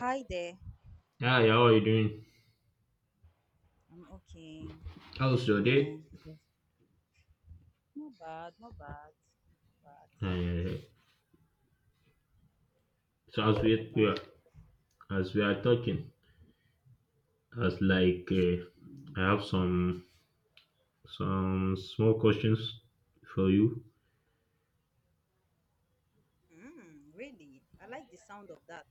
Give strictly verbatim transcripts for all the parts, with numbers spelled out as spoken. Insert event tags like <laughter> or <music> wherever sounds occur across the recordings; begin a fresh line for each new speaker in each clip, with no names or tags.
Hi there.
Hi, how are you doing?
I'm okay.
How's your day?
No, just not bad, not bad, not bad,
Uh, so as
not
we, we
bad.
are, as we are talking, as like uh, I have some some small questions for you.
Mm, really? I like the sound of that.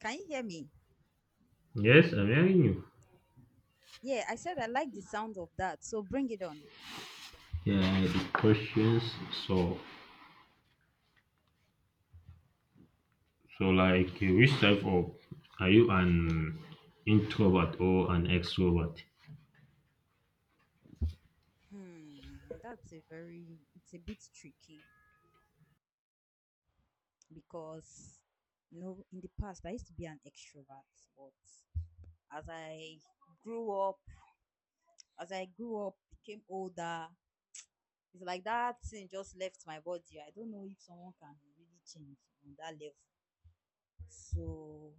Can you hear me?
Yes, I'm hearing you.
Yeah, I said I like the sound of that. So bring it on.
Yeah, the questions. So so like uh, which type of are you an introvert or an extrovert?
Hmm, that's a very, it's a bit tricky because, you know, in the past I used to be an extrovert, but as I grew up, as I grew up, became older. It's like that thing just left my body. I don't know if someone can really change on that level. So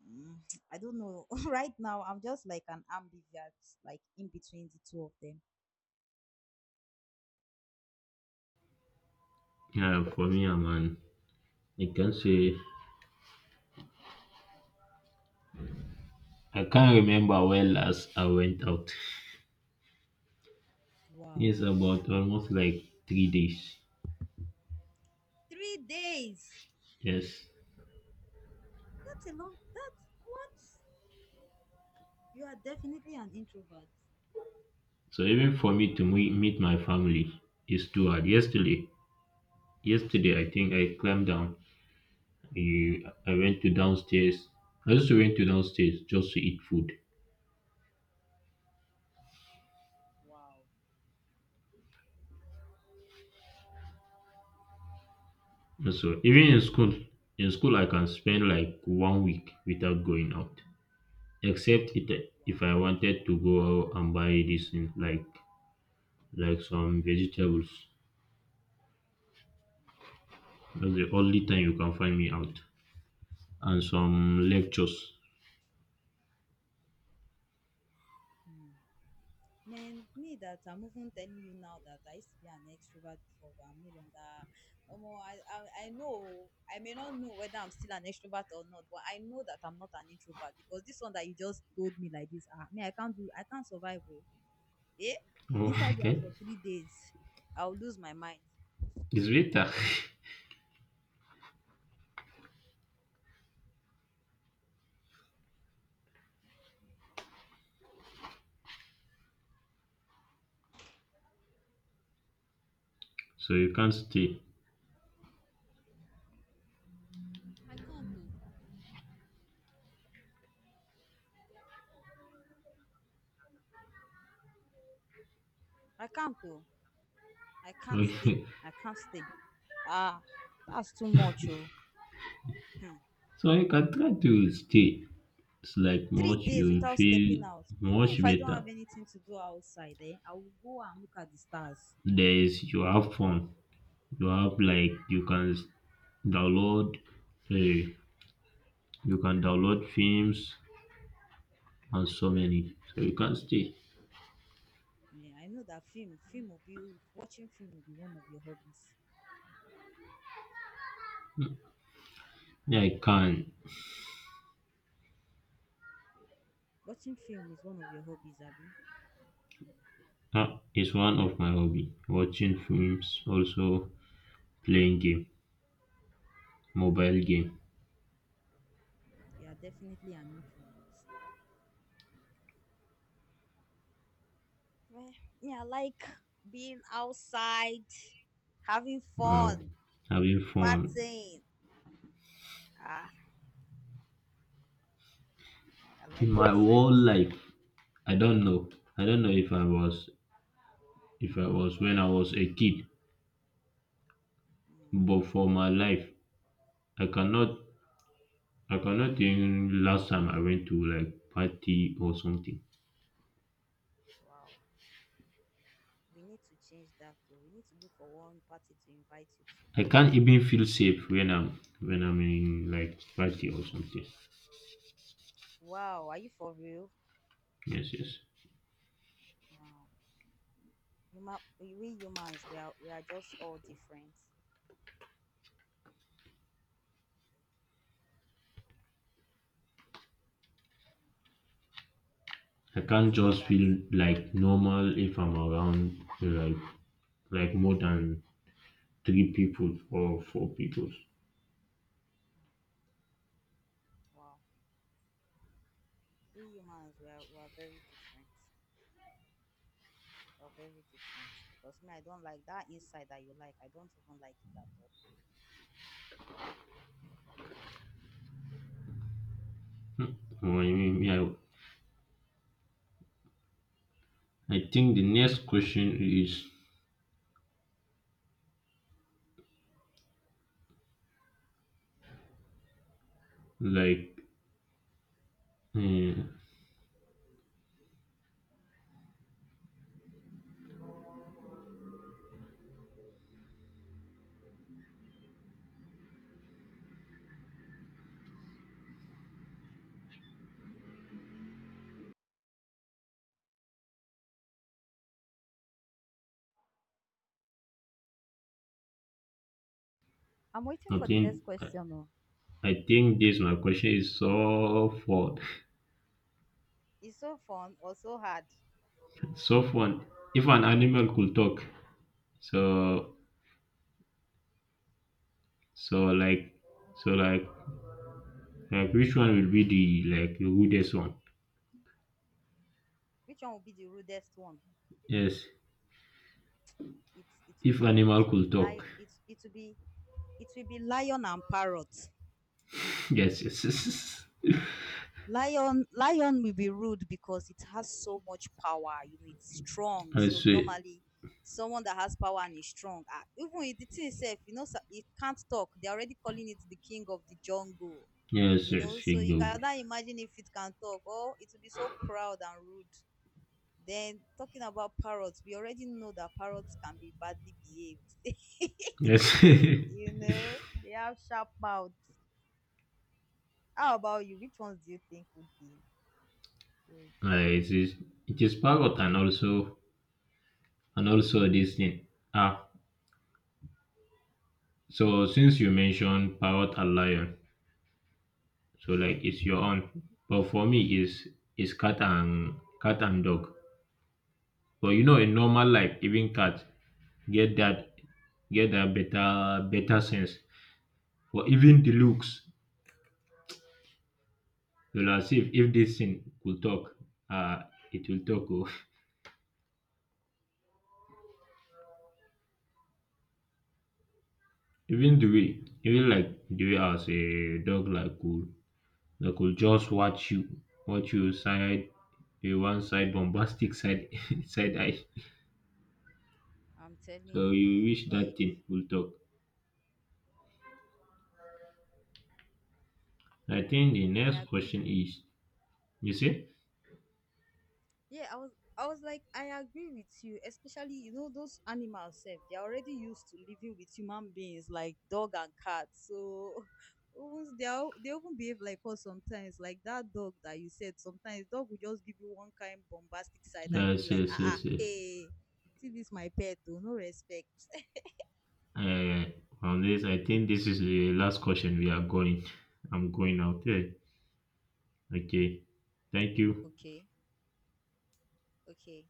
mm, I don't know. <laughs> right now, I'm just like an ambivert, like in between the two of them.
Yeah, for me, I'm an I can say I can't remember well as I went out.
Wow,
It's about almost like three days.
three days.
Yes.
That's a long. That's what You are definitely an introvert.
So even for me to me- meet my family is too hard. Yesterday, yesterday I think I climbed down. eh, I went to downstairs. I just went to downstairs just to eat food.
Wow,
And so even in school, in school I can spend like one week without going out, except it, if I
wow.
wanted to go out and buy this thing, like like some vegetables. That's the only time you can find me out and some lectures.
Hmm. Man, me that I'm even telling you now that I used to be an extrovert before, but I'm no longer. Omo, I, I, I know I may not know whether I'm still an extrovert or not, but I know that I'm not an introvert because this one that you just told me like this, ah, me I can't do, I can't survive. Oh, eh?
Oh, <laughs>
Inside the house
okay,
for three days, I'll lose my mind.
it's later, <laughs> so you can't stay.
I can't do. I can't do. I can't stay.
Okay. <laughs>
I can't stay. Ah, that's too much. Oh. Hmm.
So you can try to stay. It's like
three
much
days
you
without
feel
stepping out. Even
much
if I don't
better.
have anything to do outside, eh, I will go and look at the stars.
There is you have fun. You have like you can s- download uh, you can download films and so many. So you can stay.
Yeah, I know that film, film will be watching film will be one of your hobbies.
Yeah, I can.
Watching film is one of your hobbies, Abby.
Ah, it's one of my hobby. Watching films, also playing game, mobile
Hmm.
game.
You are definitely an introvert. Well, yeah, I like being outside, having
Wow,
fun,
having fun.
partying. Ah, I
In
like
my
outside.
whole life, I don't know. I don't know if I was if I was when I was a kid.
Hmm.
But for my life, I cannot I cannot think last time I went to like party or something.
Wow. We need to change that though. We need to look for one party to invite you to.
I can't even feel safe when I'm when I'm in like party or something.
Wow, are you for real?
Yes, yes.
Wow. Human, we we humans, we are we are just all different.
I
Did
can't
you hear
just
that?
feel like normal if I'm around like like more than three people or four people.
Wow. We humans, we are we are very different. We are very different. Because me, I don't like that inside that you like. I don't even like it at all.
Or I mean, yeah. I think the next question is like uh,
I'm waiting
I
for the next
think
question. Oh.
I think this my question is so fun,
It's so fun or so hard.
<laughs> so fun. If an animal could talk, so so like so like like which one will be the like the goodest one?
Which one will be the rudest one?
Yes,
It it will
if
be it
animal
will be
could talk.
li
<laughs>
it it will be it will be lion and parrot.
Yes, yes, yes, yes.
Lion, lion will be rude because it has so much power. You know, it's strong.
I
So
say
normally, someone that has power and is strong, ah, even if the thing itself, you know, sa- it can't talk. They're already calling it the king of the jungle.
yes,
You
yes.
know, so
Shake the
you
wood.
cannot imagine if it can talk. Oh, it will be so proud and rude. Then talking about parrots, we already know that parrots can be badly behaved. <laughs>
Yes.
you
<laughs>
know, they have sharp mouths. How about you? Which ones do you think would be rude?
Uh, it is it is parrot and also and also this thing. Ah, so since you mentioned parrot and lion, so like it's your own. But for me, is is cat and cat and dog. But you know, in normal life, even cat get that get that better better sense. Or even the looks. So like as if if this thing could talk, uh it will talk. Oh. <laughs> Even the way, even like the way as a dog like could like could just watch you, watch you side a one side bombastic side <laughs> side eye.
I'm
So
telling
you
you,
wish that
like
thing will talk. I think the
I
next
agree with
question is, you see?
yeah, I was I was like I agree with you, especially you know those animals self, they're already used to living with human beings like dog and cat. So <laughs> even they are, they even behave like us sometimes. Like that dog that you said, sometimes dog will just give you one kind bombastic side that you be
Yes,
like,
yes,
ah ah,
yes, yes.
hey, see this my pet, oh, no respect.
Uh, on this, I think this is the last question we are going. I'm going out there. Okay. Thank
<laughs>
you.
okay, okay.